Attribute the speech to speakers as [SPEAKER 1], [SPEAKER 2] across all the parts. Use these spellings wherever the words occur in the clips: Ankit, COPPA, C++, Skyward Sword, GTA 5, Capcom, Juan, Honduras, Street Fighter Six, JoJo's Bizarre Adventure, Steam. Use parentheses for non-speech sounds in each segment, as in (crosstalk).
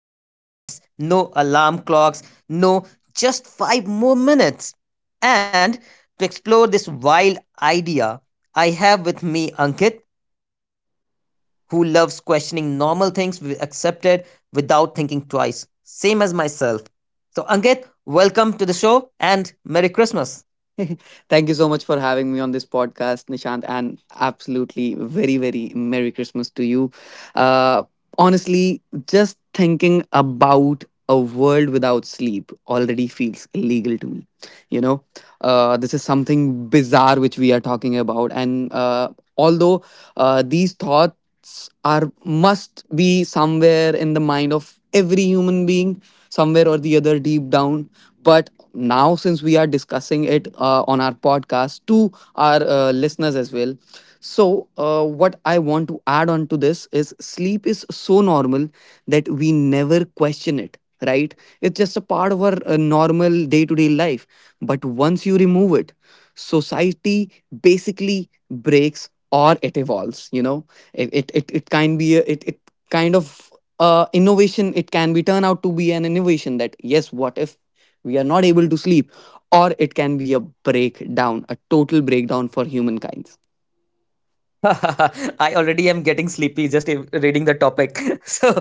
[SPEAKER 1] No beds, no alarm clocks, no just five more minutes. And to explore this wild idea, I have with me Ankit who loves questioning normal things we accepted without thinking twice. Same as myself. So, Ankit, welcome to the show and Merry Christmas.
[SPEAKER 2] (laughs) Thank you so much for having me on this podcast, Nishant, and absolutely very, very Merry Christmas to you. Uh, Honestly, just thinking about a world without sleep already feels illegal to me, you know? This is something bizarre which we are talking about, and although these thoughts are must be somewhere in the mind of every human being, somewhere or the other deep down, but now since we are discussing it on our podcast to our listeners as well, so what I want to add on to this is sleep is so normal that we never question it, right? It's just a part of our normal day to day life, but once you remove it, society basically breaks or it evolves. You know, it can be a, it kind of innovation. It can be turned out to be an innovation that, yes, what if we are not able to sleep, or it can be a breakdown, a total breakdown for humankind.
[SPEAKER 1] (laughs) I already am getting sleepy just reading the topic. (laughs) So,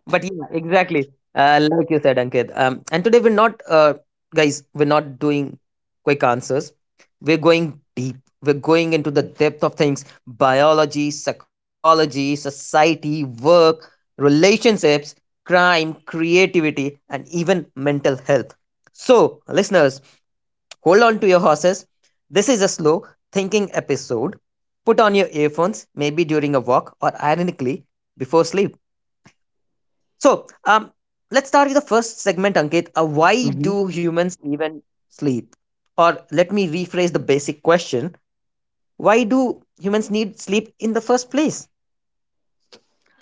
[SPEAKER 1] but yeah, exactly. Like you said, Ankit. And today we're not, guys, we're not doing quick answers. We're going deep. We're going into the depth of things: biology, psychology, society, work, relationships, crime, creativity, and even mental health. So, listeners. Hold on to your horses. This is a slow thinking episode. Put on your earphones, maybe during a walk or ironically before sleep. So, um, let's start with the first segment, Ankit. Why do
[SPEAKER 2] (laughs)
[SPEAKER 1] humans even sleep? Or let me rephrase the basic question: why do humans need sleep in the first place?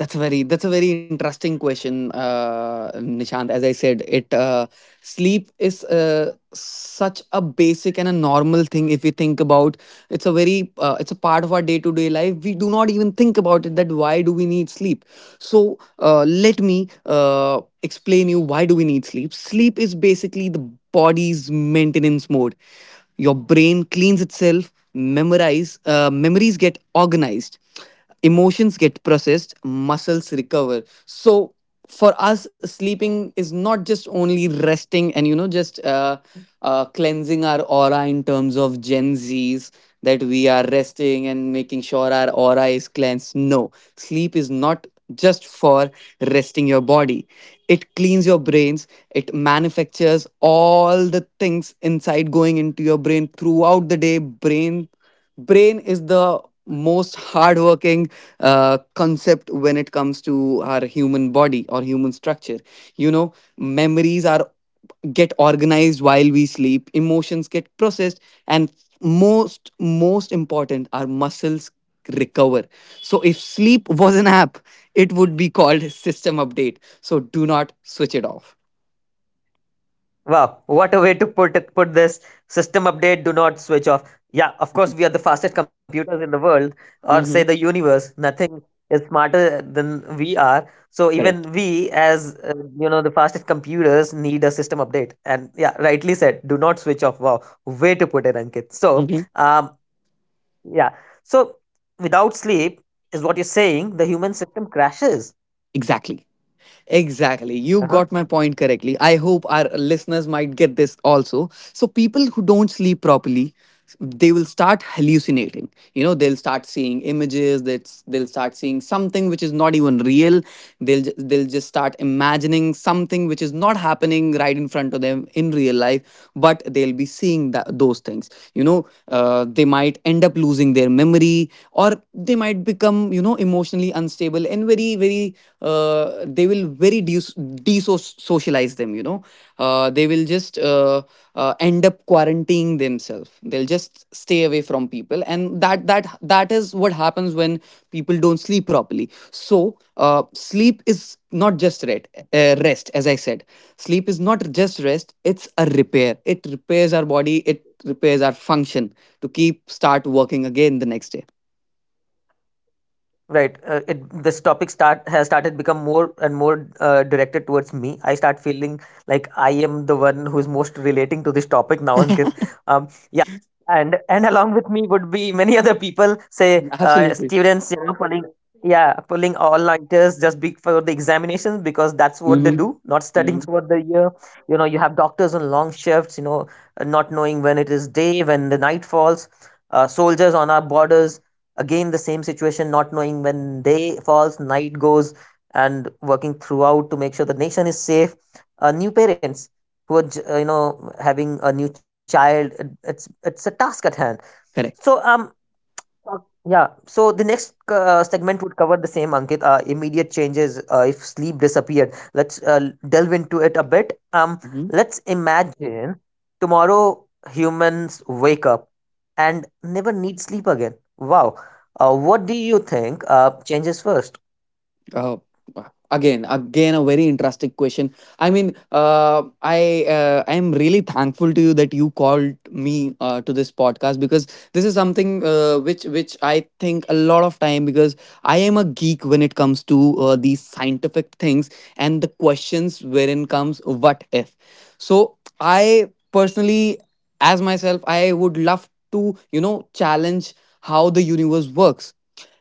[SPEAKER 2] That's a very interesting question, Nishant. As I said, it sleep is such a basic and a normal thing. If we think about, it's a part of our day to day life. We do not even think about it. That why do we need sleep? So let me explain you why do we need sleep. Sleep is basically the body's maintenance mode. Your brain cleans itself, memorize memories get organized, emotions get processed, muscles recover. So for us, sleeping is not just only resting and you know just cleansing our aura in terms of Gen Z's, that we are resting and making sure our aura is cleansed. No, sleep is not just for resting your body. It cleans your brains, it manufactures all the things inside going into your brain throughout the day. Brain is the most hardworking concept when it comes to our human body or human structure. You know, memories are get organized while we sleep, emotions get processed, and most important, our muscles recover. So if sleep was an app, it would be called (laughs) system update. So do not switch it off.
[SPEAKER 1] Wow, what a way to put it, put this system update, do not switch off. Yeah, of course, we are the fastest computers in the world, or say the
[SPEAKER 2] Mm-hmm.
[SPEAKER 1] universe. Nothing is smarter than we are. So even
[SPEAKER 2] Correct.
[SPEAKER 1] we, as you know, the fastest computers need a system update. And yeah, rightly said, do not switch off. Wow, way to put it, Ankit.
[SPEAKER 2] Mm-hmm.
[SPEAKER 1] Yeah, so, without sleep is what you're saying. The human system crashes.
[SPEAKER 2] Exactly. Exactly. You
[SPEAKER 1] Uh-huh.
[SPEAKER 2] got my point correctly. I hope our listeners might get this also. So, people who don't sleep properly, they will start hallucinating. You know, they'll start seeing images, they'll start seeing something which is not even real. They'll just start imagining something which is not happening right in front of them in real life, but they'll be seeing that, those things you know They might end up losing their memory, or they might become emotionally unstable, and very very they will de-socialize them. They will just end up quarantining themselves. They'll just stay away from people, and that is what happens when people don't sleep properly. So, sleep is not just rest, rest, as I said. Sleep is not just rest, it's a repair. It repairs our body, it repairs our function to keep start working again the next day.
[SPEAKER 1] Right. This topic start has started become more and more directed towards me. I start feeling like I am the one who is most relating to this topic now, Ankit. Um, yeah, and along with me would be many other people, say
[SPEAKER 2] Absolutely.
[SPEAKER 1] students, you know, pulling yeah, pulling all nighters just be for the examinations because that's what they
[SPEAKER 2] Hmm.
[SPEAKER 1] do, not studying
[SPEAKER 2] Hmm.
[SPEAKER 1] throughout the year. You know, you have doctors on long shifts, you know, not knowing when it is day, when the night falls. Soldiers on our borders. Again, the same situation, not knowing when day falls, night goes, and working throughout to make sure the nation is safe. New parents who are, you know, having a new child, it's a task at hand. So,
[SPEAKER 2] Correct.
[SPEAKER 1] um, uh, Yeah, so the next segment would cover the same, Ankit. Immediate changes if sleep disappeared. Let's delve into it a bit.
[SPEAKER 2] Mhm.
[SPEAKER 1] Let's imagine tomorrow humans wake up and never need sleep again. Wow. What do you think changes first?
[SPEAKER 2] Uh, again, a very interesting question. I mean, I am really thankful to you that you called me to this podcast because this is something which I think a lot of time, because I am a geek when it comes to these scientific things and the questions wherein comes what if. So I personally, as myself, I would love to challenge how the universe works,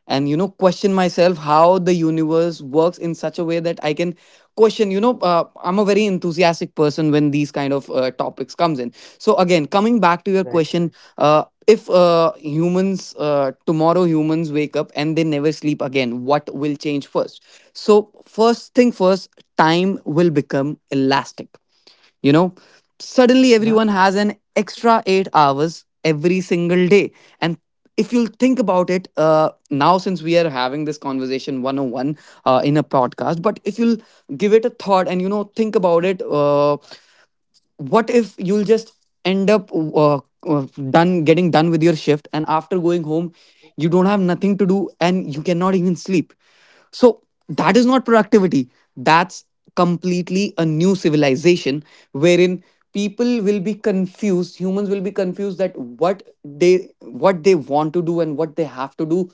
[SPEAKER 2] and question myself how the universe works in such a way that I can question. I'm a very enthusiastic person when these kind of topics comes in. So again, coming back to your
[SPEAKER 1] Right.
[SPEAKER 2] question, if humans tomorrow humans wake up and they never sleep again, what will change first? So first thing first, time will become elastic. You know, suddenly everyone has an extra 8 hours every single day. And if you'll think about it, now since we are having this conversation 101, in a podcast, but if you'll give it a thought and think about it, what if you'll just end up done getting done with your shift, and after going home you don't have nothing to do and you cannot even sleep. So that is not productivity. That's completely a new civilization wherein people will be confused humans will be confused that what they want to do and what they have to do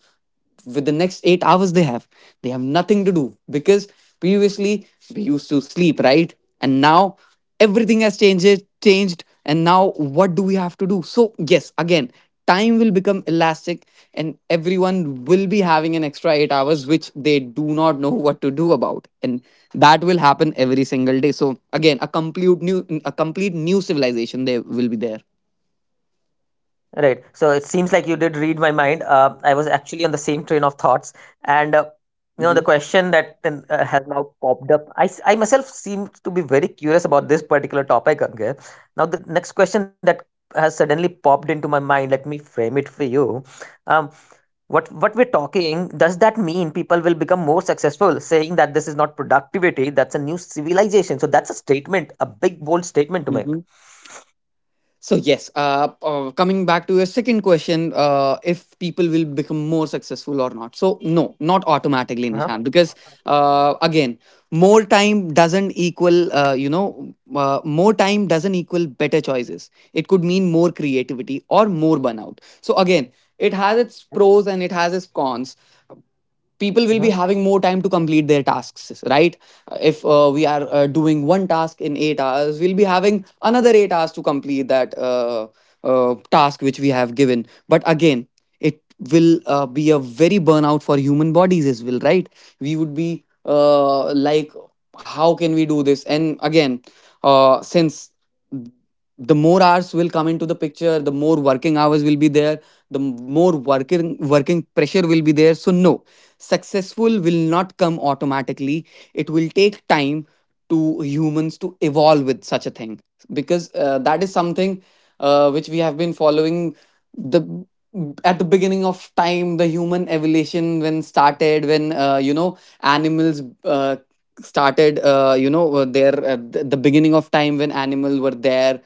[SPEAKER 2] with the next 8 hours. They have, they have nothing to do because previously we used to sleep, right? And now everything has changed, and now what do we have to do? So yes, again, time will become elastic, and everyone will be having an extra 8 hours which they do not know (laughs) what to do about, and that will happen every single day. So again, a complete new civilization they will be there.
[SPEAKER 1] Right. So it seems like you did read my mind. I was actually on the same train of thoughts, and you know the question that has now popped up. I myself seem to be very curious about this particular topic. Okay. Now the next question that has suddenly popped into my mind. Let me frame it for you. Um, what we're talking, does that mean people will become more successful? Saying that this is not productivity, that's a new civilization. So that's a statement, a big bold statement to
[SPEAKER 2] Mm-hmm.
[SPEAKER 1] make.
[SPEAKER 2] So yes, coming back to your second question, if people will become more successful or not. So no, not automatically, Nishan,
[SPEAKER 1] Uh-huh.
[SPEAKER 2] because again, more time doesn't equal, you know, more time doesn't equal better choices. It could mean more creativity or more burnout. So again, it has its pros and it has its cons. People will be having more time to complete their tasks, right? If we are doing one task in 8 hours, we'll be having another 8 hours to complete that task which we have given. But again, it will be a very burnout for human bodies as well, right? We would be like, how can we do this? And again, since the more hours will come into the picture, the more working hours will be there, the more working pressure will be there. So no, successful will not come automatically. It will take time to humans to evolve with such a thing, because that is something which we have been following, the at the beginning of time, the human evolution when started when you know, animals started, the beginning of time when animals were there.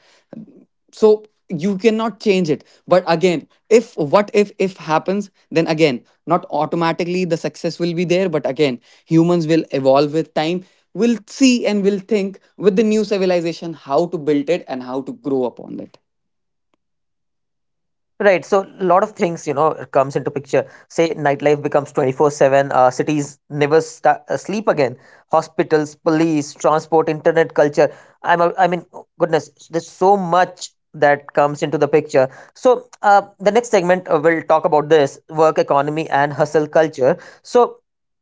[SPEAKER 2] So you cannot change it. But again, if what if happens, then again, not automatically the success will be there. But again, humans will evolve with time. We will see and we will think with the new civilization how to build it and how to grow upon it.
[SPEAKER 1] Right, so a lot of things, you know, comes into picture. Say nightlife becomes 24/7, cities never sta sleep again. Hospitals, police, transport, internet culture. I mean, goodness, there's so much that comes into the picture. So, the next segment will talk about this work economy and hustle culture. So,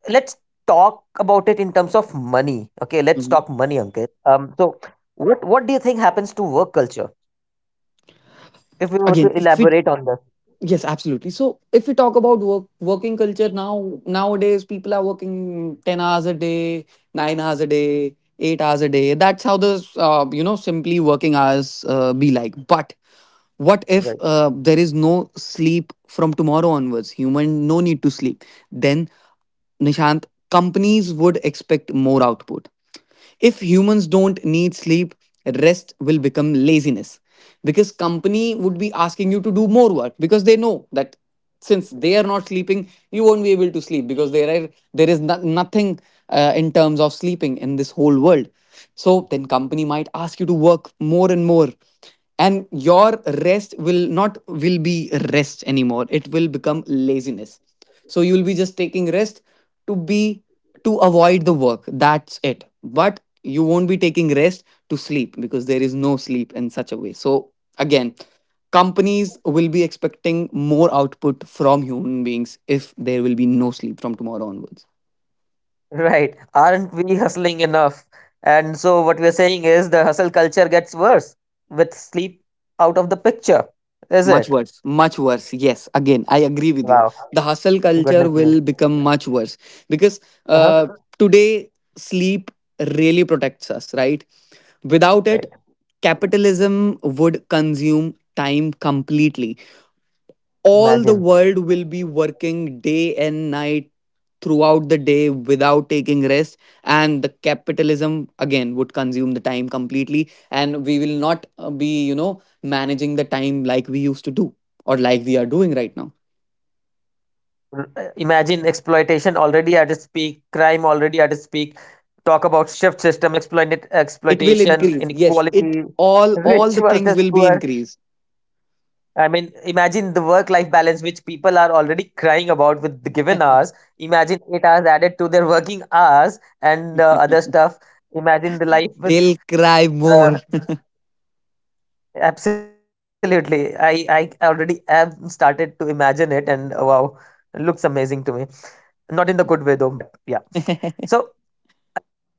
[SPEAKER 1] let's talk about it in terms of money. Okay, let's
[SPEAKER 2] Mhm.
[SPEAKER 1] talk money, Ankit. So what do you think happens to work culture if we were to
[SPEAKER 2] again if we
[SPEAKER 1] elaborate on this?
[SPEAKER 2] Yes, absolutely. So if we talk about working culture now, nowadays people are working 10 hours a day, 9 hours a day, 8 hours a day. That's how the, simply, working hours be like. But what
[SPEAKER 1] Right.
[SPEAKER 2] if,
[SPEAKER 1] (laughs)
[SPEAKER 2] there is no sleep from tomorrow onwards, human no need to sleep? Then, Nishant, companies would expect more output. If humans don't need sleep, rest will become laziness, because company would be asking you to do more work, because they know that since they are not sleeping, you won't be able to sleep, because there is nothing in terms of sleeping in this whole world. So then company might ask you to work more and more, and your rest will not will be rest anymore. It will become laziness. So you'll be just taking rest to be to avoid the work, that's it. But you won't be taking rest to sleep, because there is no sleep in such a way. So again, companies will be expecting more output from human beings if there will be no sleep from tomorrow onwards.
[SPEAKER 1] Right. Aren't we hustling enough? And so what we're saying is hustle culture gets worse with sleep out of the picture, is
[SPEAKER 2] Much
[SPEAKER 1] it?
[SPEAKER 2] worse, much worse. Yes, again, I agree with you.
[SPEAKER 1] Wow.
[SPEAKER 2] The hustle culture
[SPEAKER 1] Goodness me.
[SPEAKER 2] will become much worse, because
[SPEAKER 1] Uh-huh.
[SPEAKER 2] uh, today sleep really protects us, right? Without
[SPEAKER 1] Right.
[SPEAKER 2] it, capitalism would consume time completely.
[SPEAKER 1] Imagine.
[SPEAKER 2] All the world will be working day and night throughout the day without taking rest, and the capitalism again would consume the time completely, and we will not be managing the time like we used to do or like we are doing right now.
[SPEAKER 1] Imagine exploitation already at its peak, crime already at its peak. Talk about shift system,
[SPEAKER 2] It will
[SPEAKER 1] exploitation,
[SPEAKER 2] increase. Yes, it
[SPEAKER 1] inequality, (laughs)
[SPEAKER 2] all
[SPEAKER 1] rich
[SPEAKER 2] the things
[SPEAKER 1] versus
[SPEAKER 2] will be
[SPEAKER 1] poor.
[SPEAKER 2] increased.
[SPEAKER 1] I mean, imagine the work life balance which people are already crying about with the given hours. Imagine 8 hours added to their working hours and other stuff. Imagine the life with
[SPEAKER 2] They'll cry
[SPEAKER 1] uh,
[SPEAKER 2] more.
[SPEAKER 1] absolutely. I already have started to imagine it, and wow, it looks amazing to me. Not in the good way though, but yeah.
[SPEAKER 2] (laughs)
[SPEAKER 1] So,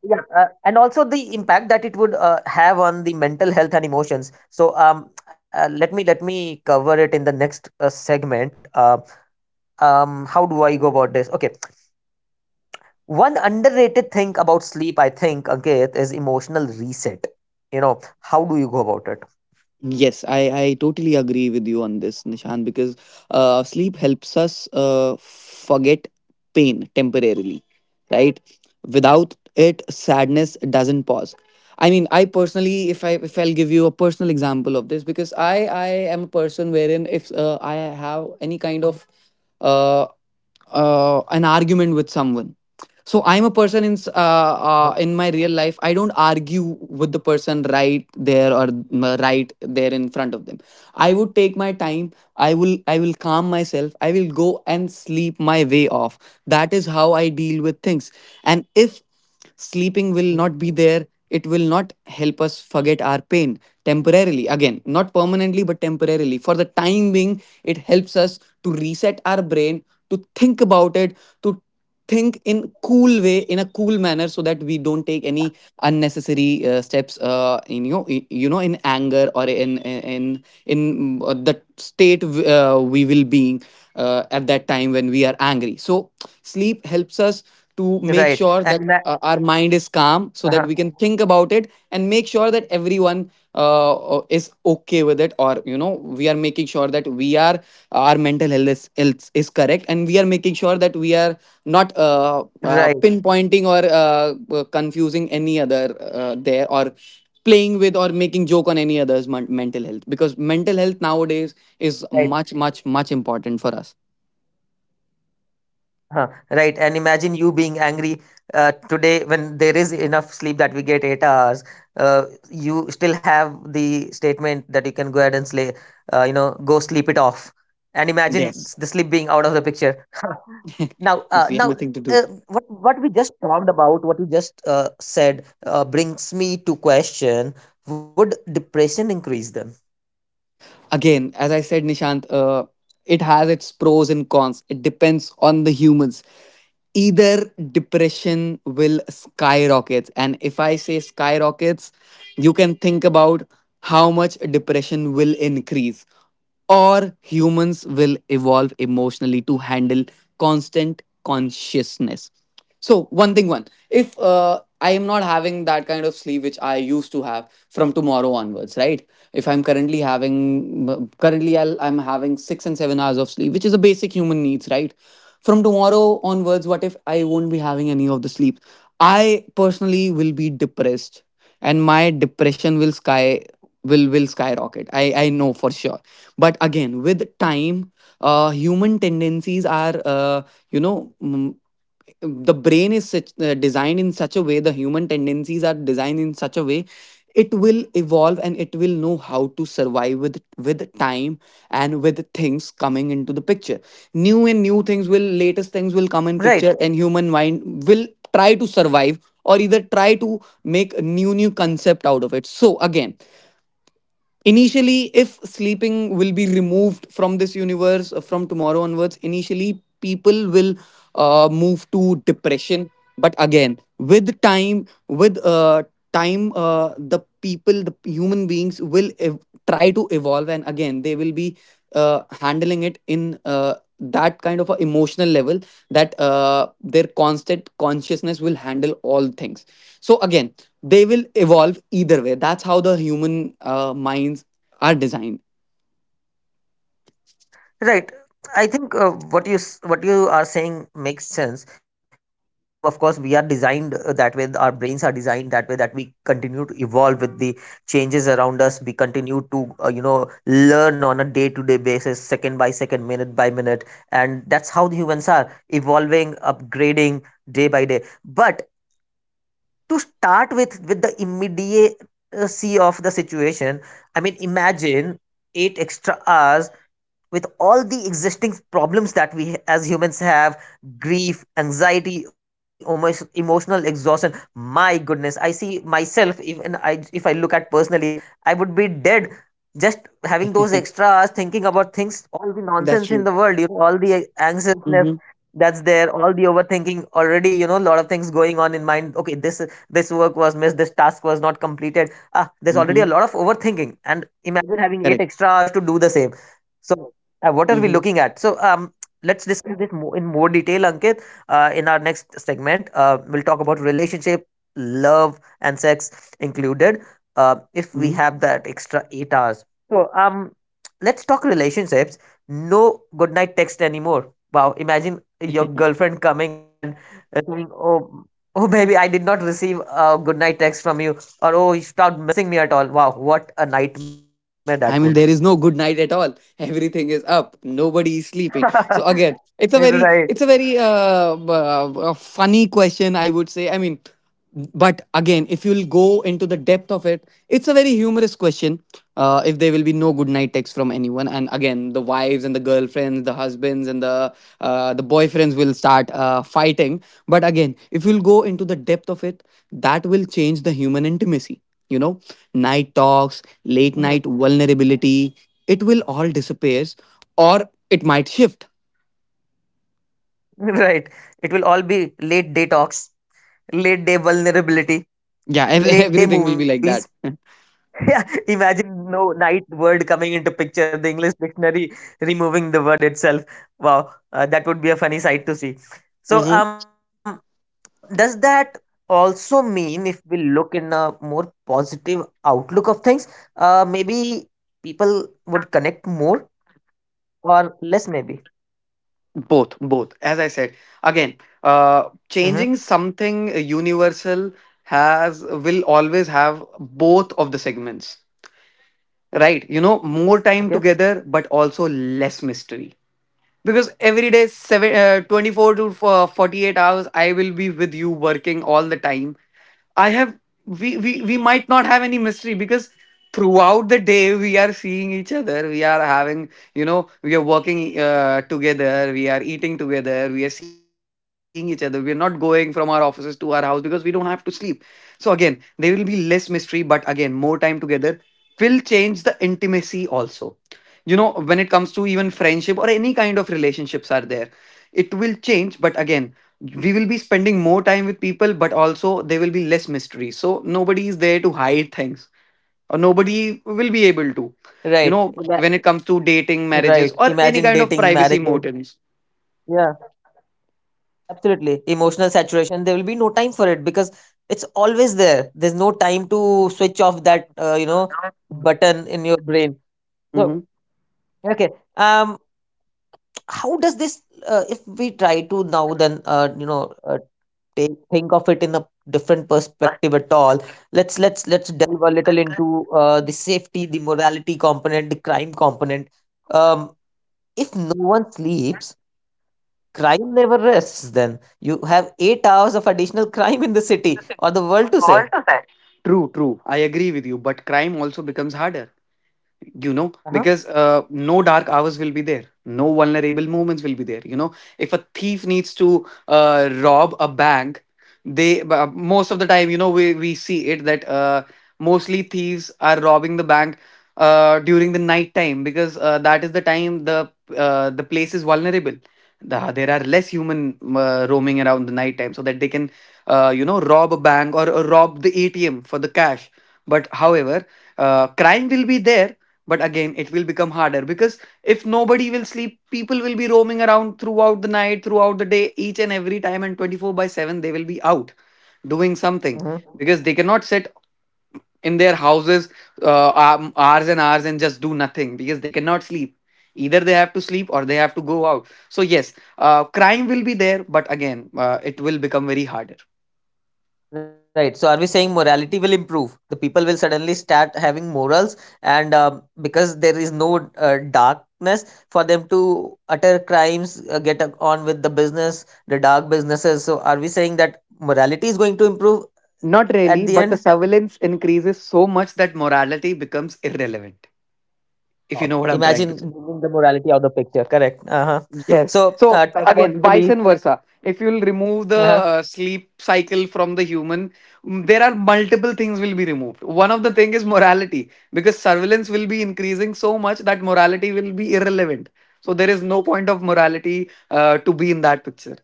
[SPEAKER 1] yeah, and also the impact that it would have on the mental health and emotions. Let me cover it in the next segment. How do I go about this? Okay, one underrated thing about sleep, I think, Ankit, is emotional reset. You know, how do you go about it?
[SPEAKER 2] Yes, I totally agree with you on this, Nishan, because sleep helps us forget pain temporarily, right? Without it, sadness doesn't pause. I mean, I personally, if I'll give you a personal example of this, because I am a person wherein if I have any kind of uh, an argument with someone, so I'm a person
[SPEAKER 1] Uh-huh.
[SPEAKER 2] in my real life. I don't argue with the person right there or right there in front of them. I would take my time. I will calm myself. I will go and sleep my way off. That is how I deal with things. And if sleeping will
[SPEAKER 1] Mm-hmm.
[SPEAKER 2] not be there, it will not help us forget our pain temporarily. Again, not permanently, but temporarily. For the time being, it helps us to reset our brain, to think about it, to think in cool way in a cool manner so that we don't take any unnecessary steps in in anger or in the state we will being at that time when we are angry, so sleep helps us to make
[SPEAKER 1] Right.
[SPEAKER 2] sure that
[SPEAKER 1] And that,
[SPEAKER 2] our mind is calm so that
[SPEAKER 1] uh-huh.
[SPEAKER 2] we can think about it and make sure that everyone is okay with it, or you know we are making sure that we are, our mental health is correct, and we are making sure that we are not
[SPEAKER 1] Right.
[SPEAKER 2] pinpointing or confusing any other there, or playing with or making joke on any other's mental health because mental health nowadays is
[SPEAKER 1] Right.
[SPEAKER 2] much important for us.
[SPEAKER 1] Huh, right. And imagine you being angry today when there is enough sleep that we get 8 hours. Uh, you still have the statement that you can go ahead and slay, you know, go sleep it off. And imagine
[SPEAKER 2] Yes.
[SPEAKER 1] the sleep being out of the picture.
[SPEAKER 2] (laughs)
[SPEAKER 1] (laughs) uh,
[SPEAKER 2] Because we have
[SPEAKER 1] now,
[SPEAKER 2] nothing to
[SPEAKER 1] uh,
[SPEAKER 2] do.
[SPEAKER 1] what we just talked about, what you just said, brings me to question: would depression increase them?
[SPEAKER 2] Again, as I said, Nishant, it has its pros and cons. It depends on the humans. Either depression will skyrocket. And if I say skyrockets, you can think about how much depression will increase, or humans will evolve emotionally to handle constant consciousness. So, one thing, one, if I am not having that kind of sleep which I used to have from tomorrow onwards, right? if I'm currently having currently I'll, I'm having 6 and 7 hours of sleep, which is a basic human needs, right? From tomorrow onwards, what if I won't be having any of the sleep? I personally will be depressed, and my depression will skyrocket. I know for sure. But again, with time, human tendencies are, you know, the brain is such, designed in such a way, the human tendencies are designed in such a way, it will evolve and it will know how to survive with time and with things coming into the picture. New things will, latest things will come in
[SPEAKER 1] Right.
[SPEAKER 2] picture, and human mind will try to survive or either try to make a new concept out of it. So again, initially, if sleeping will be removed from this universe, from tomorrow onwards, initially people will move to depression. But again, with time, with the people, the human beings try to evolve, and again, they will be handling it in that kind of a emotional level that their constant consciousness will handle all things. So again, they will evolve either way. That's how the human minds are designed.
[SPEAKER 1] Right. I think what what you are saying makes sense. You know, in the longer term, of course, we are designed that way. Our brains are designed that way, that we continue to evolve with the changes around us. We continue to you know, learn on a day to day basis, second by second, minute by minute, and that's how the humans are evolving, upgrading day by day. But to start with the immediacy of the situation, I mean, imagine eight extra hours with all the existing problems that we as humans have: grief, anxiety, overthinking, almost emotional exhaustion. My goodness, I see myself. Even I if I look at personally, I would be dead just having those
[SPEAKER 2] (laughs)
[SPEAKER 1] extra hours thinking about things, all the
[SPEAKER 2] That's
[SPEAKER 1] nonsense in
[SPEAKER 2] true.
[SPEAKER 1] the world, you know, all the anxiousness
[SPEAKER 2] Mm-hmm.
[SPEAKER 1] that's there, all the overthinking already. You know, a lot of things going on in mind. Okay, this work was missed, this task was not completed. Ah, there's
[SPEAKER 2] Mm-hmm.
[SPEAKER 1] already a of overthinking, and imagine having eight
[SPEAKER 2] Correct.
[SPEAKER 1] extra hours to do the same. So what are we
[SPEAKER 2] Mm-hmm.
[SPEAKER 1] looking at? Let's discuss this more in more detail, Ankit. In our next segment, we'll talk about relationship, love, and sex included. If we
[SPEAKER 2] Mm-hmm.
[SPEAKER 1] have that extra 8 hours, so let's talk relationships. No goodnight text anymore. Wow, imagine your
[SPEAKER 2] (laughs)
[SPEAKER 1] girlfriend coming up and saying, "Oh, oh, baby, I did not receive a goodnight text from you," or "Oh, you stopped missing me at all." Wow, what a nightmare that would be.
[SPEAKER 2] I mean, there is no good night at all. Everything is up. Nobody is sleeping. So again,
[SPEAKER 1] (laughs) Right.
[SPEAKER 2] it's a very b- funny question, I would say. I mean, but again, if you'll go into the depth of it, it's a very humorous question. If there will be no good night text from anyone, and again, the wives and the girlfriends, the husbands and the boyfriends will start fighting. But again, if you'll go into the depth of it, that will change the human intimacy. You know, night talks, late
[SPEAKER 1] Mhm.
[SPEAKER 2] night vulnerability, it will all disappear, or it might shift.
[SPEAKER 1] (laughs) Right. It will all be late day talks, late day vulnerability,
[SPEAKER 2] Yeah, (laughs)
[SPEAKER 1] late day
[SPEAKER 2] everything will be
[SPEAKER 1] movies.
[SPEAKER 2] like that.
[SPEAKER 1] (laughs) Yeah, imagine no night word coming into picture, the English dictionary removing the word itself. Wow, that would be a funny sight to see. So,
[SPEAKER 2] Mm-hmm.
[SPEAKER 1] um, so does that also mean, if we look in a more positive outlook of things, maybe people would connect more or less, maybe?
[SPEAKER 2] Both, both. As I said, again,
[SPEAKER 1] Mm-hmm.
[SPEAKER 2] changing something universal has, will always have both of the segments, right? You know, more time
[SPEAKER 1] Okay.
[SPEAKER 2] together, but also less mystery. Because every day, seven, 24 to 48 hours I will be with you, working all the time. I have we, we we might not have any mystery because throughout the day we are seeing each other, we are having, you know, we are working together, we are eating together, we are seeing each other, we are not going from our offices to our house because we don't have to sleep. So again, there will be less mystery, but again, more time together will change the intimacy also, you know, when it comes to even friendship or any kind of relationships are there, it will change. But again, we will be spending more time with people, but also there will be less mystery, so nobody is there to hide things, or nobody will be able to, you
[SPEAKER 1] Right.
[SPEAKER 2] know, when it comes to dating, marriages,
[SPEAKER 1] Right.
[SPEAKER 2] or any
[SPEAKER 1] Imagine
[SPEAKER 2] kind of
[SPEAKER 1] dating,
[SPEAKER 2] privacy
[SPEAKER 1] marriages.
[SPEAKER 2] motives.
[SPEAKER 1] Yeah, absolutely. Emotional saturation. There will be no time for it because it's always there. There's no time to switch off that, you know, button in your brain.
[SPEAKER 2] Hmm.
[SPEAKER 1] Okay. Um, how does this, if we try to now then, think of it in a different perspective at all. Let's delve a little into the safety, the morality component, the crime component. Um, if no one sleeps, crime never rests then. You have 8 hours of additional crime in the city or the world to say.
[SPEAKER 2] True, true, I agree with you, but crime also becomes harder, you know, because
[SPEAKER 1] Uh-huh.
[SPEAKER 2] no dark hours will be there, no vulnerable moments will be there, you know, if a thief needs to rob a bank, they most of the time, you know, we see it that mostly thieves are robbing the bank during the night time because that is the time the place is vulnerable. There are less human roaming around the night time, so that they can you know, rob a bank, or rob the ATM for the cash. But however, crime will be there, but again, it will become harder because if nobody will sleep, people will be roaming around throughout the night, throughout the day, each and every time, and 24 by 7 they will be out doing something,
[SPEAKER 1] Hmm.
[SPEAKER 2] because they cannot sit in their houses hours and hours and just do nothing because they cannot sleep. Either they have to sleep or they have to go out. So yes, crime will be there, but again, it will become very harder.
[SPEAKER 1] Right. So, are we saying morality will improve? The people will suddenly start having morals, and um, because there is no darkness for them to utter crimes, on with the business, the dark businesses. So, are we saying that morality is going to improve
[SPEAKER 2] Not
[SPEAKER 1] at
[SPEAKER 2] really,
[SPEAKER 1] the
[SPEAKER 2] but the
[SPEAKER 1] end?
[SPEAKER 2] surveillance increases so much that morality becomes irrelevant, if you
[SPEAKER 1] Wow.
[SPEAKER 2] know what I'm trying to
[SPEAKER 1] Imagine
[SPEAKER 2] say.
[SPEAKER 1] moving the morality out of the picture. Correct. Uh huh.
[SPEAKER 2] Yes.
[SPEAKER 1] So,
[SPEAKER 2] So
[SPEAKER 1] talk
[SPEAKER 2] again,
[SPEAKER 1] about
[SPEAKER 2] vice
[SPEAKER 1] police.
[SPEAKER 2] and versa. If you'll remove the
[SPEAKER 1] Uh huh.
[SPEAKER 2] sleep cycle from the human, there are multiple things will be removed. One of the thing is morality, because surveillance will be increasing so much that morality will be irrelevant. So there is no point of morality to be in that picture.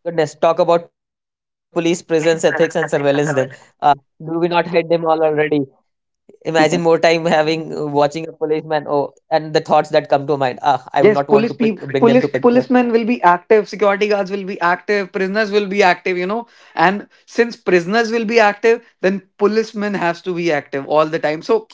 [SPEAKER 1] Goodness, talk about police, presence, ethics, and surveillance then. Uh, do we not hate them all already? Imagine more time
[SPEAKER 2] (laughs)
[SPEAKER 1] having watching a policeman. Oh, and the thoughts that come to mind. Ah, I would not want
[SPEAKER 2] Yes,
[SPEAKER 1] to
[SPEAKER 2] police
[SPEAKER 1] bring
[SPEAKER 2] people,
[SPEAKER 1] them to picture.
[SPEAKER 2] policemen will be active, security guards will be active, prisoners will be active, you know. And since prisoners will be active, then policemen has to be active all the time. So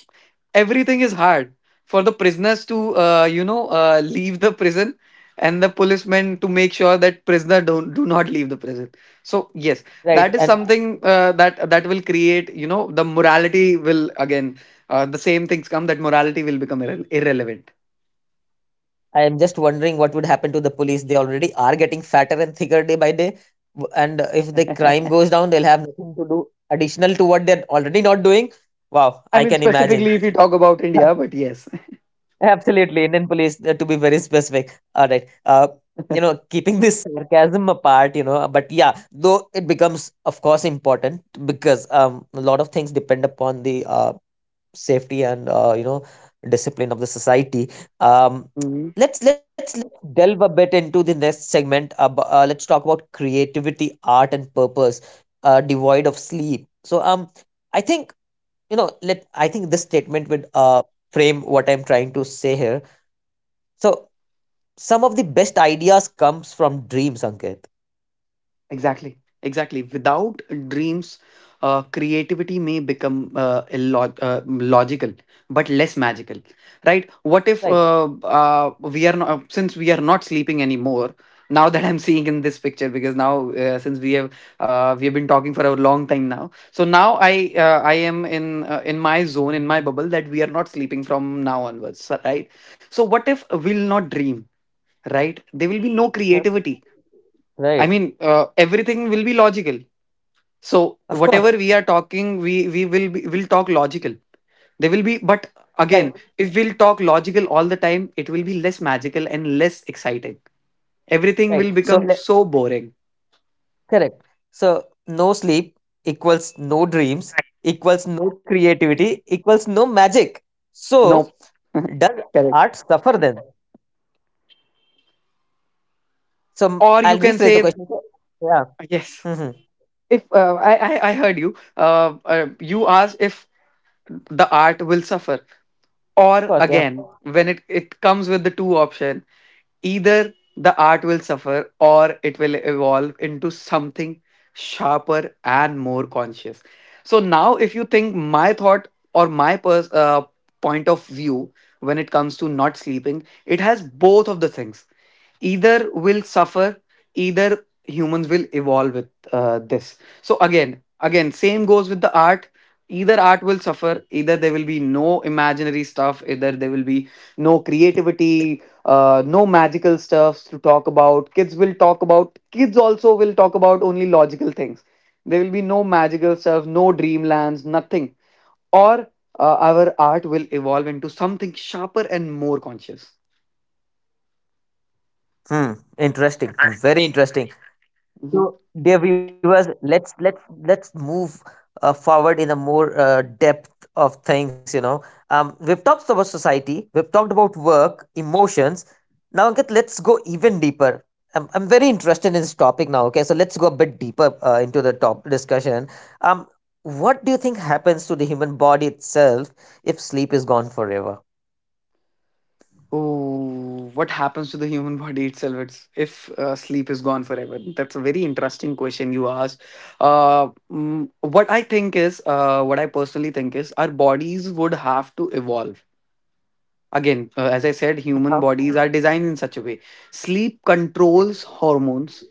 [SPEAKER 2] everything is hard for the prisoners to, you know, leave the prison, and the policemen to make sure that prisoner don't, do not leave the prison. So yes, that
[SPEAKER 1] Right.
[SPEAKER 2] is
[SPEAKER 1] And
[SPEAKER 2] something that that will create, you know, the morality will again the same things come, that morality will become irrelevant.
[SPEAKER 1] I am just wondering what would happen to the police. They already are getting fatter and thicker day by day. And if the
[SPEAKER 2] (laughs)
[SPEAKER 1] crime down, they'll have nothing to do additional to what they're already not doing. Wow,
[SPEAKER 2] I
[SPEAKER 1] I
[SPEAKER 2] mean,
[SPEAKER 1] can imagine.
[SPEAKER 2] specifically if you talk about India, but yes. (laughs)
[SPEAKER 1] Absolutely, Indian police, to be very specific. All right. Keeping this sarcasm apart, but yeah, though it becomes, of course, important because a lot of things depend upon the safety and discipline of the society. um
[SPEAKER 2] Mhm.
[SPEAKER 1] let's delve a bit into the next segment let's talk about creativity, art and purpose devoid of sleep. I think, you know let I think this statement would frame what I'm trying to say here. So some of the best ideas comes from dreams, Ankit.
[SPEAKER 2] Exactly. Exactly. Without dreams, creativity may become logical, but less magical, right? What if
[SPEAKER 1] Right.
[SPEAKER 2] we are not, since we are not sleeping anymore? Now that I'm seeing in this picture, because now, since we have been talking for a long time now, so now I am in my zone, in my bubble, that we are not sleeping from now onwards, right? So what if we'll not dream? Right? There will be no
[SPEAKER 1] Huh?
[SPEAKER 2] creativity. I
[SPEAKER 1] Right.
[SPEAKER 2] mean, everything will be logical. So
[SPEAKER 1] Of
[SPEAKER 2] whatever
[SPEAKER 1] course.
[SPEAKER 2] we are talking, we will be, will talk logical. There will be, but
[SPEAKER 1] Right.
[SPEAKER 2] again, if we'll talk logical all the time, it will be less magical and less exciting. Everything
[SPEAKER 1] Right.
[SPEAKER 2] will
[SPEAKER 1] so
[SPEAKER 2] become
[SPEAKER 1] let.
[SPEAKER 2] so boring.
[SPEAKER 1] Correct. So no sleep equals no dreams equals no creativity equals no magic. So
[SPEAKER 2] No, (laughs)
[SPEAKER 1] does
[SPEAKER 2] correct.
[SPEAKER 1] art suffer then? So
[SPEAKER 2] Or you
[SPEAKER 1] I'll
[SPEAKER 2] can
[SPEAKER 1] rephrase the
[SPEAKER 2] say
[SPEAKER 1] question. So, yeah.
[SPEAKER 2] yes.
[SPEAKER 1] Mm-hmm. Of
[SPEAKER 2] If I I heard you, you asked if the art will suffer, or
[SPEAKER 1] course. Yeah.
[SPEAKER 2] again when it comes with the two option. Either the art will suffer or it will evolve into something sharper and more conscious. So now, if you think my thought or my point of view when it comes to not sleeping, it has both of the things, either will suffer, either humans will evolve with this. So again, again, same goes with the art: either art will suffer, either there will be no imaginary stuff, either there will be no creativity, no magical stuffs to talk about, kids will talk about, kids also will talk about only logical things, there will be no magical stuff, no dreamlands, nothing, or our art will evolve into something sharper and more conscious.
[SPEAKER 1] Hmm. Interesting. Very interesting.
[SPEAKER 2] Mhm.
[SPEAKER 1] So, dear viewers, let's move forward in a more depth of things. We've talked about society. We've talked about work, emotions. Now, Ankit, let's go even deeper. I'm very interested in this topic now. Okay, so let's go a bit deeper into the top discussion. Um, what do you think happens to the human body itself if sleep is gone forever?
[SPEAKER 2] Oh, what happens to the human body itself, if sleep is gone forever? That's a very interesting question you asked. What I think is, what I personally think is, our bodies would have to evolve. Again, as I said, human bodies are
[SPEAKER 1] Oh,
[SPEAKER 2] designed in such a way. Sleep controls
[SPEAKER 1] right,
[SPEAKER 2] hormones,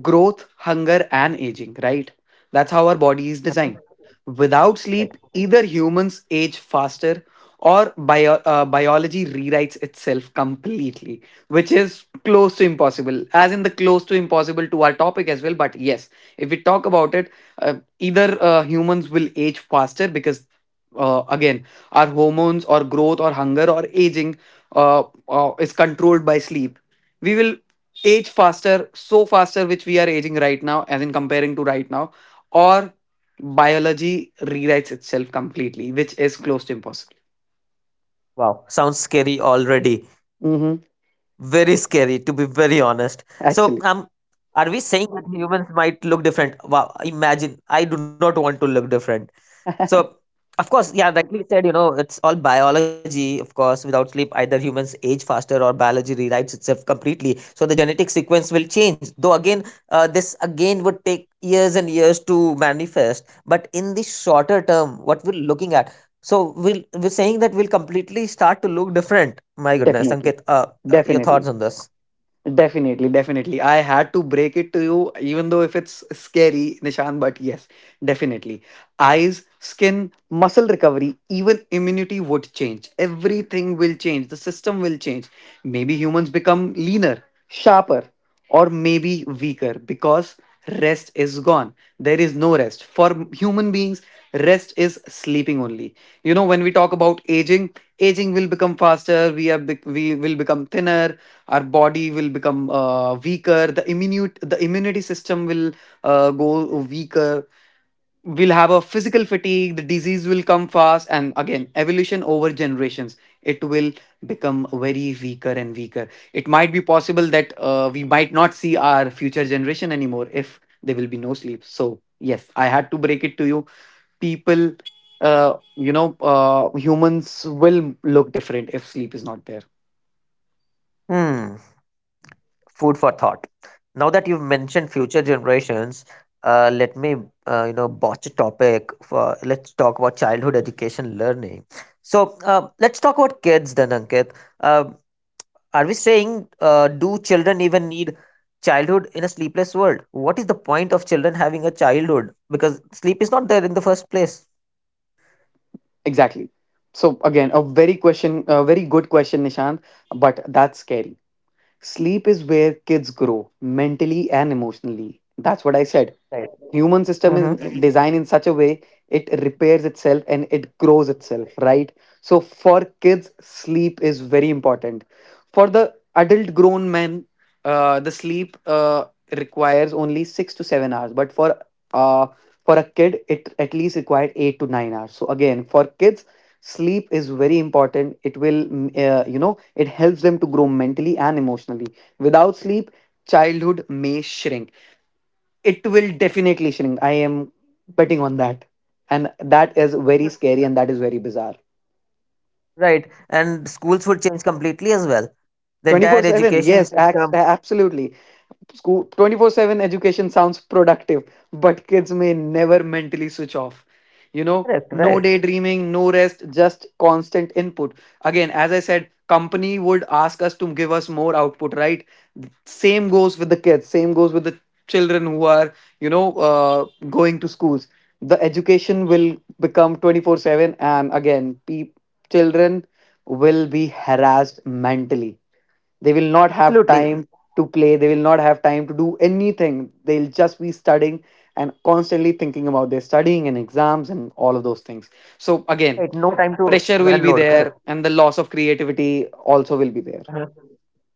[SPEAKER 2] growth, hunger, and aging, right? That's how our body is designed. Without sleep, either
[SPEAKER 1] right.
[SPEAKER 2] humans age faster or biology rewrites itself completely, which is close to impossible, as in the close to impossible to our topic as well. But yes, if we talk about it, either humans will age faster because, again, our hormones or growth or hunger or aging is controlled by sleep. We will age faster, so faster, which we are aging right now, as in comparing to right now, or biology rewrites itself completely, which is close to impossible.
[SPEAKER 1] Wow, sounds scary
[SPEAKER 2] Mm-hmm.
[SPEAKER 1] already. Very scary, to be very honest. So,
[SPEAKER 2] Actually,
[SPEAKER 1] are we saying that humans might look different? Wow, imagine. I do not want to look different.
[SPEAKER 2] (laughs)
[SPEAKER 1] So, of course, yeah, rightly said, you know, it's all biology. Of course, without sleep, either humans age faster or biology rewrites itself completely. So the genetic sequence will change. Though again, this again would take years and years to manifest. But in the shorter term, what we're looking at, so we're saying that we'll completely start to look different. My goodness,
[SPEAKER 2] definitely,
[SPEAKER 1] Ankit, your
[SPEAKER 2] definitely.
[SPEAKER 1] thoughts on this?
[SPEAKER 2] Definitely, definitely. I had to break it to you, even though if it's scary, Nishan, but yes, definitely. Eyes, skin, muscle recovery, even immunity would change. Everything will change. The system will change. Maybe humans become leaner, sharper, or maybe weaker because rest is gone. There is no rest. For human beings, rest is sleeping only. You know, when we talk about aging, aging will become faster, we are we will become thinner, our body will become weaker, the immunity system will go weaker, we'll have a physical fatigue, the disease will come fast, and again evolution over generations, it will become very weaker and weaker. It might be possible that we might not see our future generation anymore if there will be no sleep. So yes, I had to break it to you people. Humans will look different if sleep is not there.
[SPEAKER 1] Hmm. Food for thought. Now that you've mentioned future generations, let me botch a topic for, let's talk about childhood, education, learning. So let's talk about kids then, Ankit. Uh, are we saying, do children even need childhood in a sleepless world? What is the point of children having a childhood because sleep is not there in the first place?
[SPEAKER 2] Exactly. So again, a very question, a very good question, Nishant, but that's scary. Sleep is where kids grow mentally and emotionally. That's what I said.
[SPEAKER 1] Right.
[SPEAKER 2] Human system
[SPEAKER 1] Mm-hmm.
[SPEAKER 2] is designed in such a way, it repairs itself and it grows itself, right? So for kids, sleep is very important. For the adult grown men, the sleep requires only 6 to 7 hours, but uh, for a kid it at least required 8 to 9 hours. So again, for kids, sleep is very important. It will, you know, it helps them to grow mentally and emotionally. Without sleep, childhood may shrink. It will definitely shrink. I am betting on that. And that is very scary, and that is very bizarre.
[SPEAKER 1] Right, and schools would change completely as well. The entire
[SPEAKER 2] 24/7,
[SPEAKER 1] education
[SPEAKER 2] yes,
[SPEAKER 1] system.
[SPEAKER 2] absolutely. School 24/7 education sounds productive, but kids may never mentally switch off. You know,
[SPEAKER 1] Correct, right.
[SPEAKER 2] no daydreaming, no rest, just constant input. Again, as I said, company would ask us to give us more output, right? Same goes with the kids, same goes with the children who are, you know, going to schools. The education will become 24/7, and again, children will be harassed mentally, they will not have
[SPEAKER 1] Absolutely.
[SPEAKER 2] time to play. They will not have time to do anything. They'll just be studying and constantly thinking about their studying and exams and all of those things. So,
[SPEAKER 1] Right,
[SPEAKER 2] again,
[SPEAKER 1] no time to
[SPEAKER 2] pressure will be
[SPEAKER 1] unload, correct.
[SPEAKER 2] there, and the loss of creativity also will be there.
[SPEAKER 1] Uh-huh.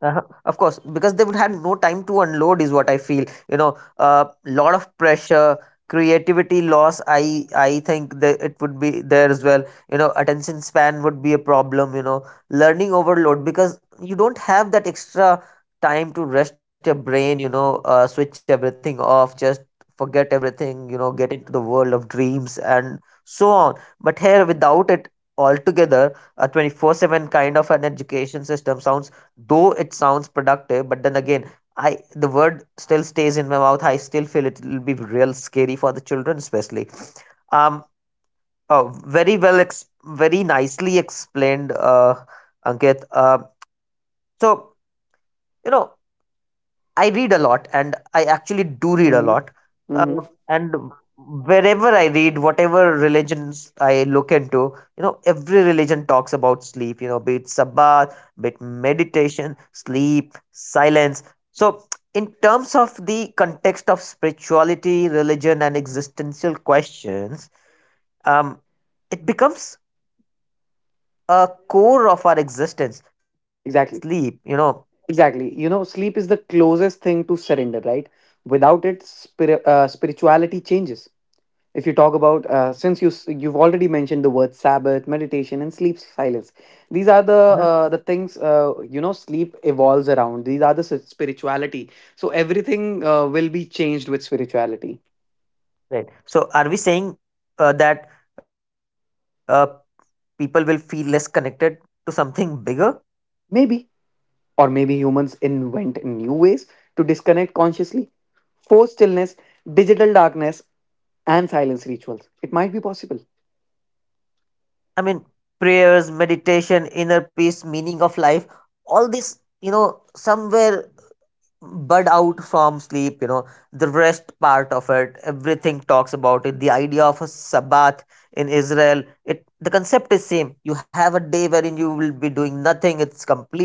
[SPEAKER 1] Uh-huh. Of course, because they would have no time to unload, is what I feel. You know, a lot of pressure, creativity loss. I think that it would be there as well. You know, attention span would be a problem. You know, learning overload because you don't have that extra time to rest your brain. You know, switch everything off, just forget everything. You know, get into the world of dreams and so on. But here, without it altogether, a 24/7 kind of an education system sounds, though it sounds productive, but then again, I the word still stays in my mouth, I still feel it will be real scary for the children especially. um oh, very very nicely explained, Ankit. So, you know, I read a lot, and I actually do read a
[SPEAKER 2] hmm
[SPEAKER 1] lot. Uh,
[SPEAKER 2] hmm
[SPEAKER 1] and Wherever I read, whatever religions I look into, you know, every religion talks about sleep. You know, be it Sabbath, be it meditation, sleep, silence. So, in terms of the context of spirituality, religion, and existential questions, um, it becomes a core of our existence. Sleep, you
[SPEAKER 2] Exactly.
[SPEAKER 1] know.
[SPEAKER 2] Exactly. You know, sleep is the closest thing to surrender, right? Without it, spirituality changes. If you talk about, since you've already mentioned the word Sabbath, meditation, and sleep silence, these are
[SPEAKER 1] Mhm.
[SPEAKER 2] the things, you know, sleep evolves around, these are the spirituality. So everything will be changed with spirituality.
[SPEAKER 1] Right. So, are we saying that? Uh, people will feel less connected to something bigger.
[SPEAKER 2] Maybe, or maybe humans invent new ways to disconnect consciously: forced stillness, digital darkness, and silence rituals. It might be possible.
[SPEAKER 1] I mean, prayers, meditation, inner peace, meaning of life, all this, you know, somewhere bud out from sleep. You know, the rest part of it, everything talks about it. The idea of a Sabbath in Israel, it the concept is same. You have a day wherein you will be doing nothing. It's completely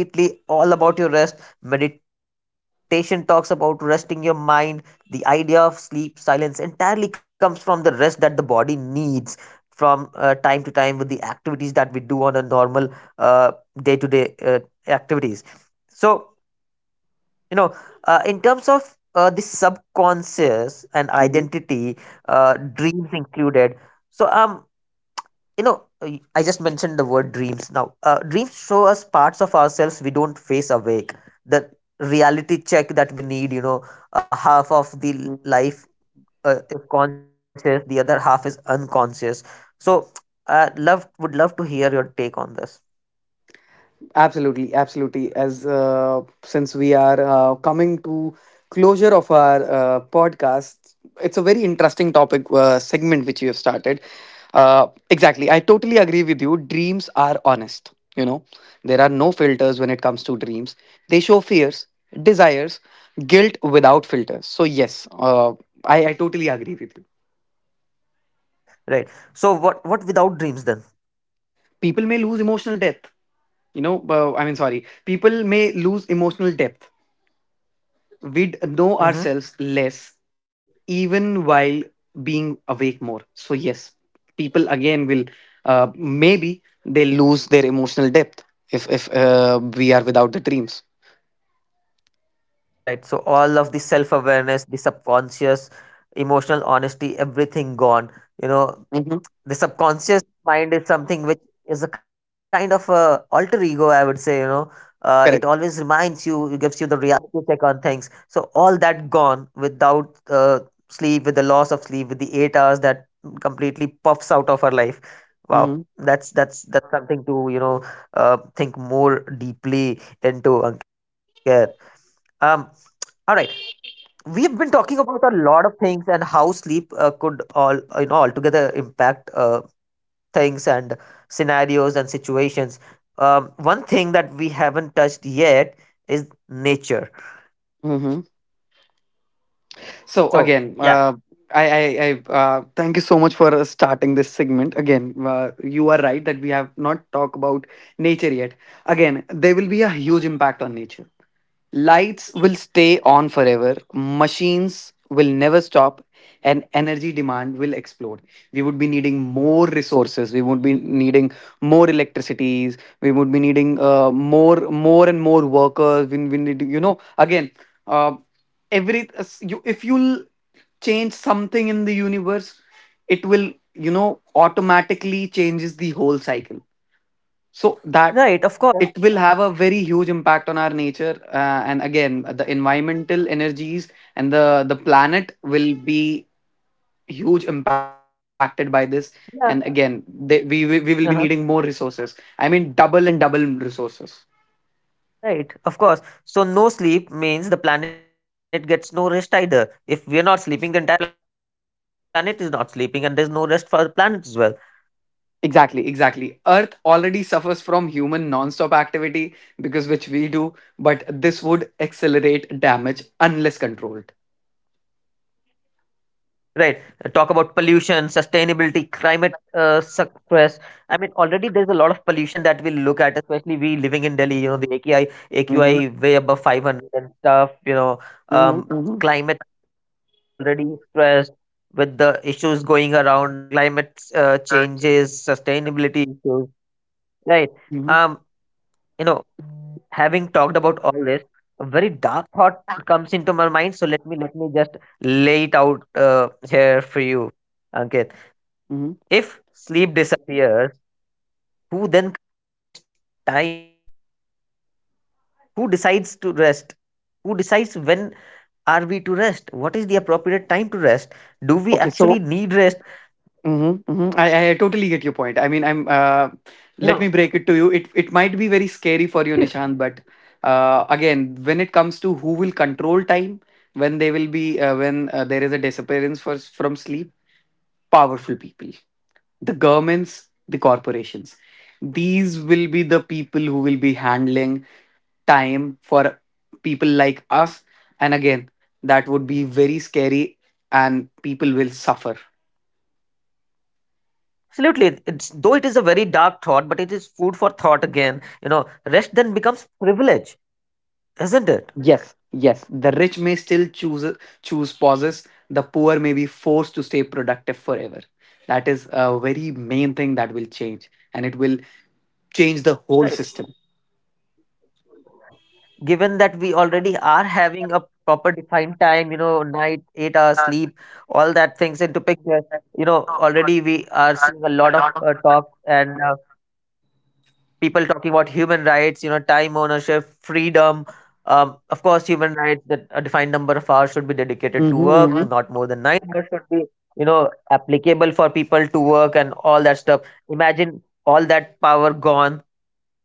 [SPEAKER 1] all about your rest. Meditation talks about resting your mind. The idea of sleep, silence entirely comes from the rest that the body needs from time to time with the activities that we do on a normal uh, day-to-day activities. So in terms of the subconscious and
[SPEAKER 2] Mhm.
[SPEAKER 1] identity, dreams included. so um you know, I just mentioned the word dreams. Now dreams show us parts of ourselves we don't face awake. The reality check that we need, you know. Half of the
[SPEAKER 2] Mhm.
[SPEAKER 1] life is conscious, the other half is unconscious. So love would love to hear your take on this.
[SPEAKER 2] Absolutely, absolutely. As Since we are coming to closure of our podcast, it's a very interesting topic segment which you have started. Exactly, I totally agree with you. Dreams are honest. You know, there are no filters when it comes to dreams. They show fears, desires, guilt without filters. So yes, I totally agree with you.
[SPEAKER 1] Right. So what without dreams then?
[SPEAKER 2] People may lose emotional depth. You know, I mean, sorry, people may lose emotional depth, we'd know
[SPEAKER 1] Mm-hmm.
[SPEAKER 2] ourselves less even while being awake more. So yes, people again will, maybe they lose their emotional depth if we are without the dreams.
[SPEAKER 1] Right. So all of the self awareness, the subconscious, emotional honesty, everything gone. You know,
[SPEAKER 2] hmm
[SPEAKER 1] the subconscious mind is something which is a kind of a alter ego, I would say. You know, it
[SPEAKER 2] Correct.
[SPEAKER 1] always reminds you, it gives you the reality check on things. So all that gone uh, sleep, with the loss of sleep, with the 8 hours that completely puffs out of our life. Wow.
[SPEAKER 2] hmm
[SPEAKER 1] That's something to you know think more deeply into, Ankit. Um. All right. We've been talking about a lot of things and how sleep could all, you know, altogether impact things and scenarios and situations. One thing that we haven't touched yet is nature.
[SPEAKER 2] hmm so again,
[SPEAKER 1] So yeah,
[SPEAKER 2] I, I, I thank you so much for starting this segment. Again, you are right that we have not talked about nature yet. Again, there will be a huge impact on nature. Lights will stay on forever, machines will never stop, and energy demand will explode. We would be needing more resources. We would be needing more electricities. We would be needing more, more and more workers. We need, you know, again, uh, every, you, if you'll change something in the universe, it will, you know, automatically changes the whole cycle, so that
[SPEAKER 1] right. Of course,
[SPEAKER 2] it will have a very huge impact on our nature, and again the environmental energies and the planet will be huge impacted by this. And again,
[SPEAKER 1] yeah.
[SPEAKER 2] we, we will be needing more
[SPEAKER 1] Uh-huh.
[SPEAKER 2] resources, I mean double and double resources.
[SPEAKER 1] Right, of course. So no sleep means the planet gets no rest either. If we are not sleeping, the entire planet is not sleeping, and there's no rest for the planet as well.
[SPEAKER 2] Exactly, exactly. Earth already suffers from human non-stop activity because which we do, but this would accelerate damage unless controlled.
[SPEAKER 1] Right. Talk about pollution, sustainability, climate stress. I mean, already there's a lot of pollution that we look at, especially we living in Delhi. You know, the AQI,
[SPEAKER 2] Mm-hmm.
[SPEAKER 1] AQI way above 500 and stuff. You know, um,
[SPEAKER 2] Mm-hmm.
[SPEAKER 1] climate is already stressed with the issues going around with climate changes, sustainability issues. Right.
[SPEAKER 2] Mm-hmm.
[SPEAKER 1] Um, you know, having talked about all this, a very dark thought comes into my mind. So let me just lay it out here for you, Ankit.
[SPEAKER 2] Mm-hmm.
[SPEAKER 1] If sleep disappears, who then controls time? Who decides to rest? Who decides when are we to rest? What is the appropriate time to rest? Do we
[SPEAKER 2] Okay, so
[SPEAKER 1] actually need rest?
[SPEAKER 2] mhm, mhm. I totally get your point. I mean, I'm. Let
[SPEAKER 1] You
[SPEAKER 2] me
[SPEAKER 1] know,
[SPEAKER 2] break it to you. It might be very scary for you, Nishant, but again, when it comes to who will control time, when they will be, when there is a disappearance for, from sleep, powerful people, the governments, the corporations, these will be the people who will be handling time for people like us, and again, that would be very scary, and people will suffer.
[SPEAKER 1] absolutely. It's, though it is a very dark thought, but it is food for thought again. You know, rest then becomes privilege, isn't it?
[SPEAKER 2] Yes, yes. The rich may still choose pauses. The poor may be forced to stay productive forever. That is a very main thing that will change, and it will change the whole
[SPEAKER 1] Right.
[SPEAKER 2] system.
[SPEAKER 1] Given that we already are having a proper defined time, you know, night, 8 hours sleep, all that things into picture, you know, already we are seeing a lot of talk people talking about human rights, you know, time ownership, freedom. Of course, human rights that a defined number of hours should be dedicated to
[SPEAKER 2] Mm-hmm,
[SPEAKER 1] work,
[SPEAKER 2] mm-hmm.
[SPEAKER 1] not more than 9 hours should be, you know, applicable for people to work and all that stuff. Imagine all power gone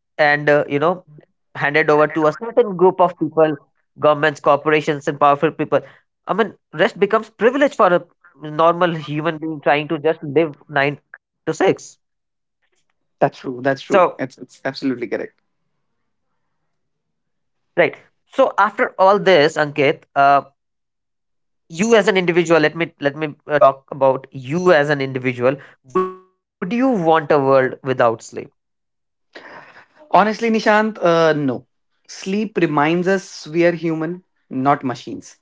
[SPEAKER 1] and handed over to a certain group of people, governments, corporations, and powerful people. I mean, rest becomes privilege for a normal human being trying to just live nine to six.
[SPEAKER 2] That's true.
[SPEAKER 1] So,
[SPEAKER 2] That's true. It's absolutely correct.
[SPEAKER 1] right. So after all this, Ankit, you as an individual, let me talk about you as an individual. Would you want a world without sleep?
[SPEAKER 2] Honestly, Nishant, no. Sleep reminds us we are human, not machines.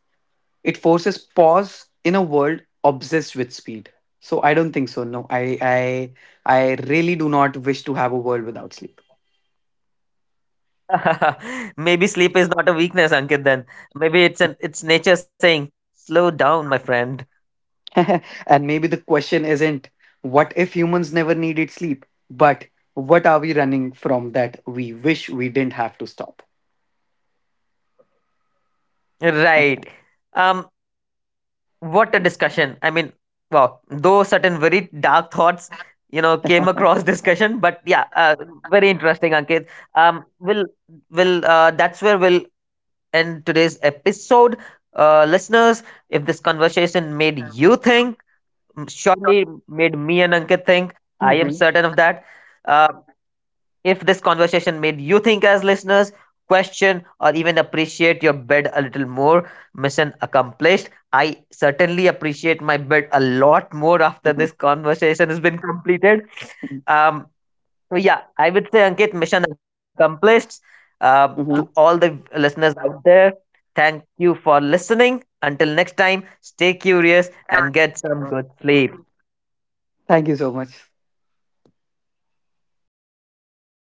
[SPEAKER 2] It forces pause in a world obsessed with speed. So I don't think so. No, I really do not wish to have a world without sleep.
[SPEAKER 1] (laughs) Maybe sleep is not a weakness, Ankit. Then maybe it's nature saying, "Slow down, my friend."
[SPEAKER 2] (laughs) And maybe the question isn't what if humans never needed sleep, but what are we running from that we wish we didn't have to stop?
[SPEAKER 1] Right. Um. What a discussion. I mean, wow, though certain very dark thoughts, you know, came across (laughs) discussion, but yeah, very interesting, Ankit. We'll will That's where we'll end today's episode. Listeners, if this conversation made you think, surely made me and Ankit think. I am
[SPEAKER 2] Mhm.
[SPEAKER 1] certain of that. Uh, if this conversation made you think as listeners, question, or even appreciate your bed a little more, mission accomplished. I certainly appreciate my bed a lot more after
[SPEAKER 2] Mhm.
[SPEAKER 1] this conversation has been completed. Um, so, yeah, I would say, Ankit, mission accomplished. Um, to
[SPEAKER 2] Mhm.
[SPEAKER 1] all the listeners out there, thank you for listening. Until next time, stay curious and get some good sleep.
[SPEAKER 2] (laughs) Thank you so much.
[SPEAKER 1] Thank you, Ankit, for being with us.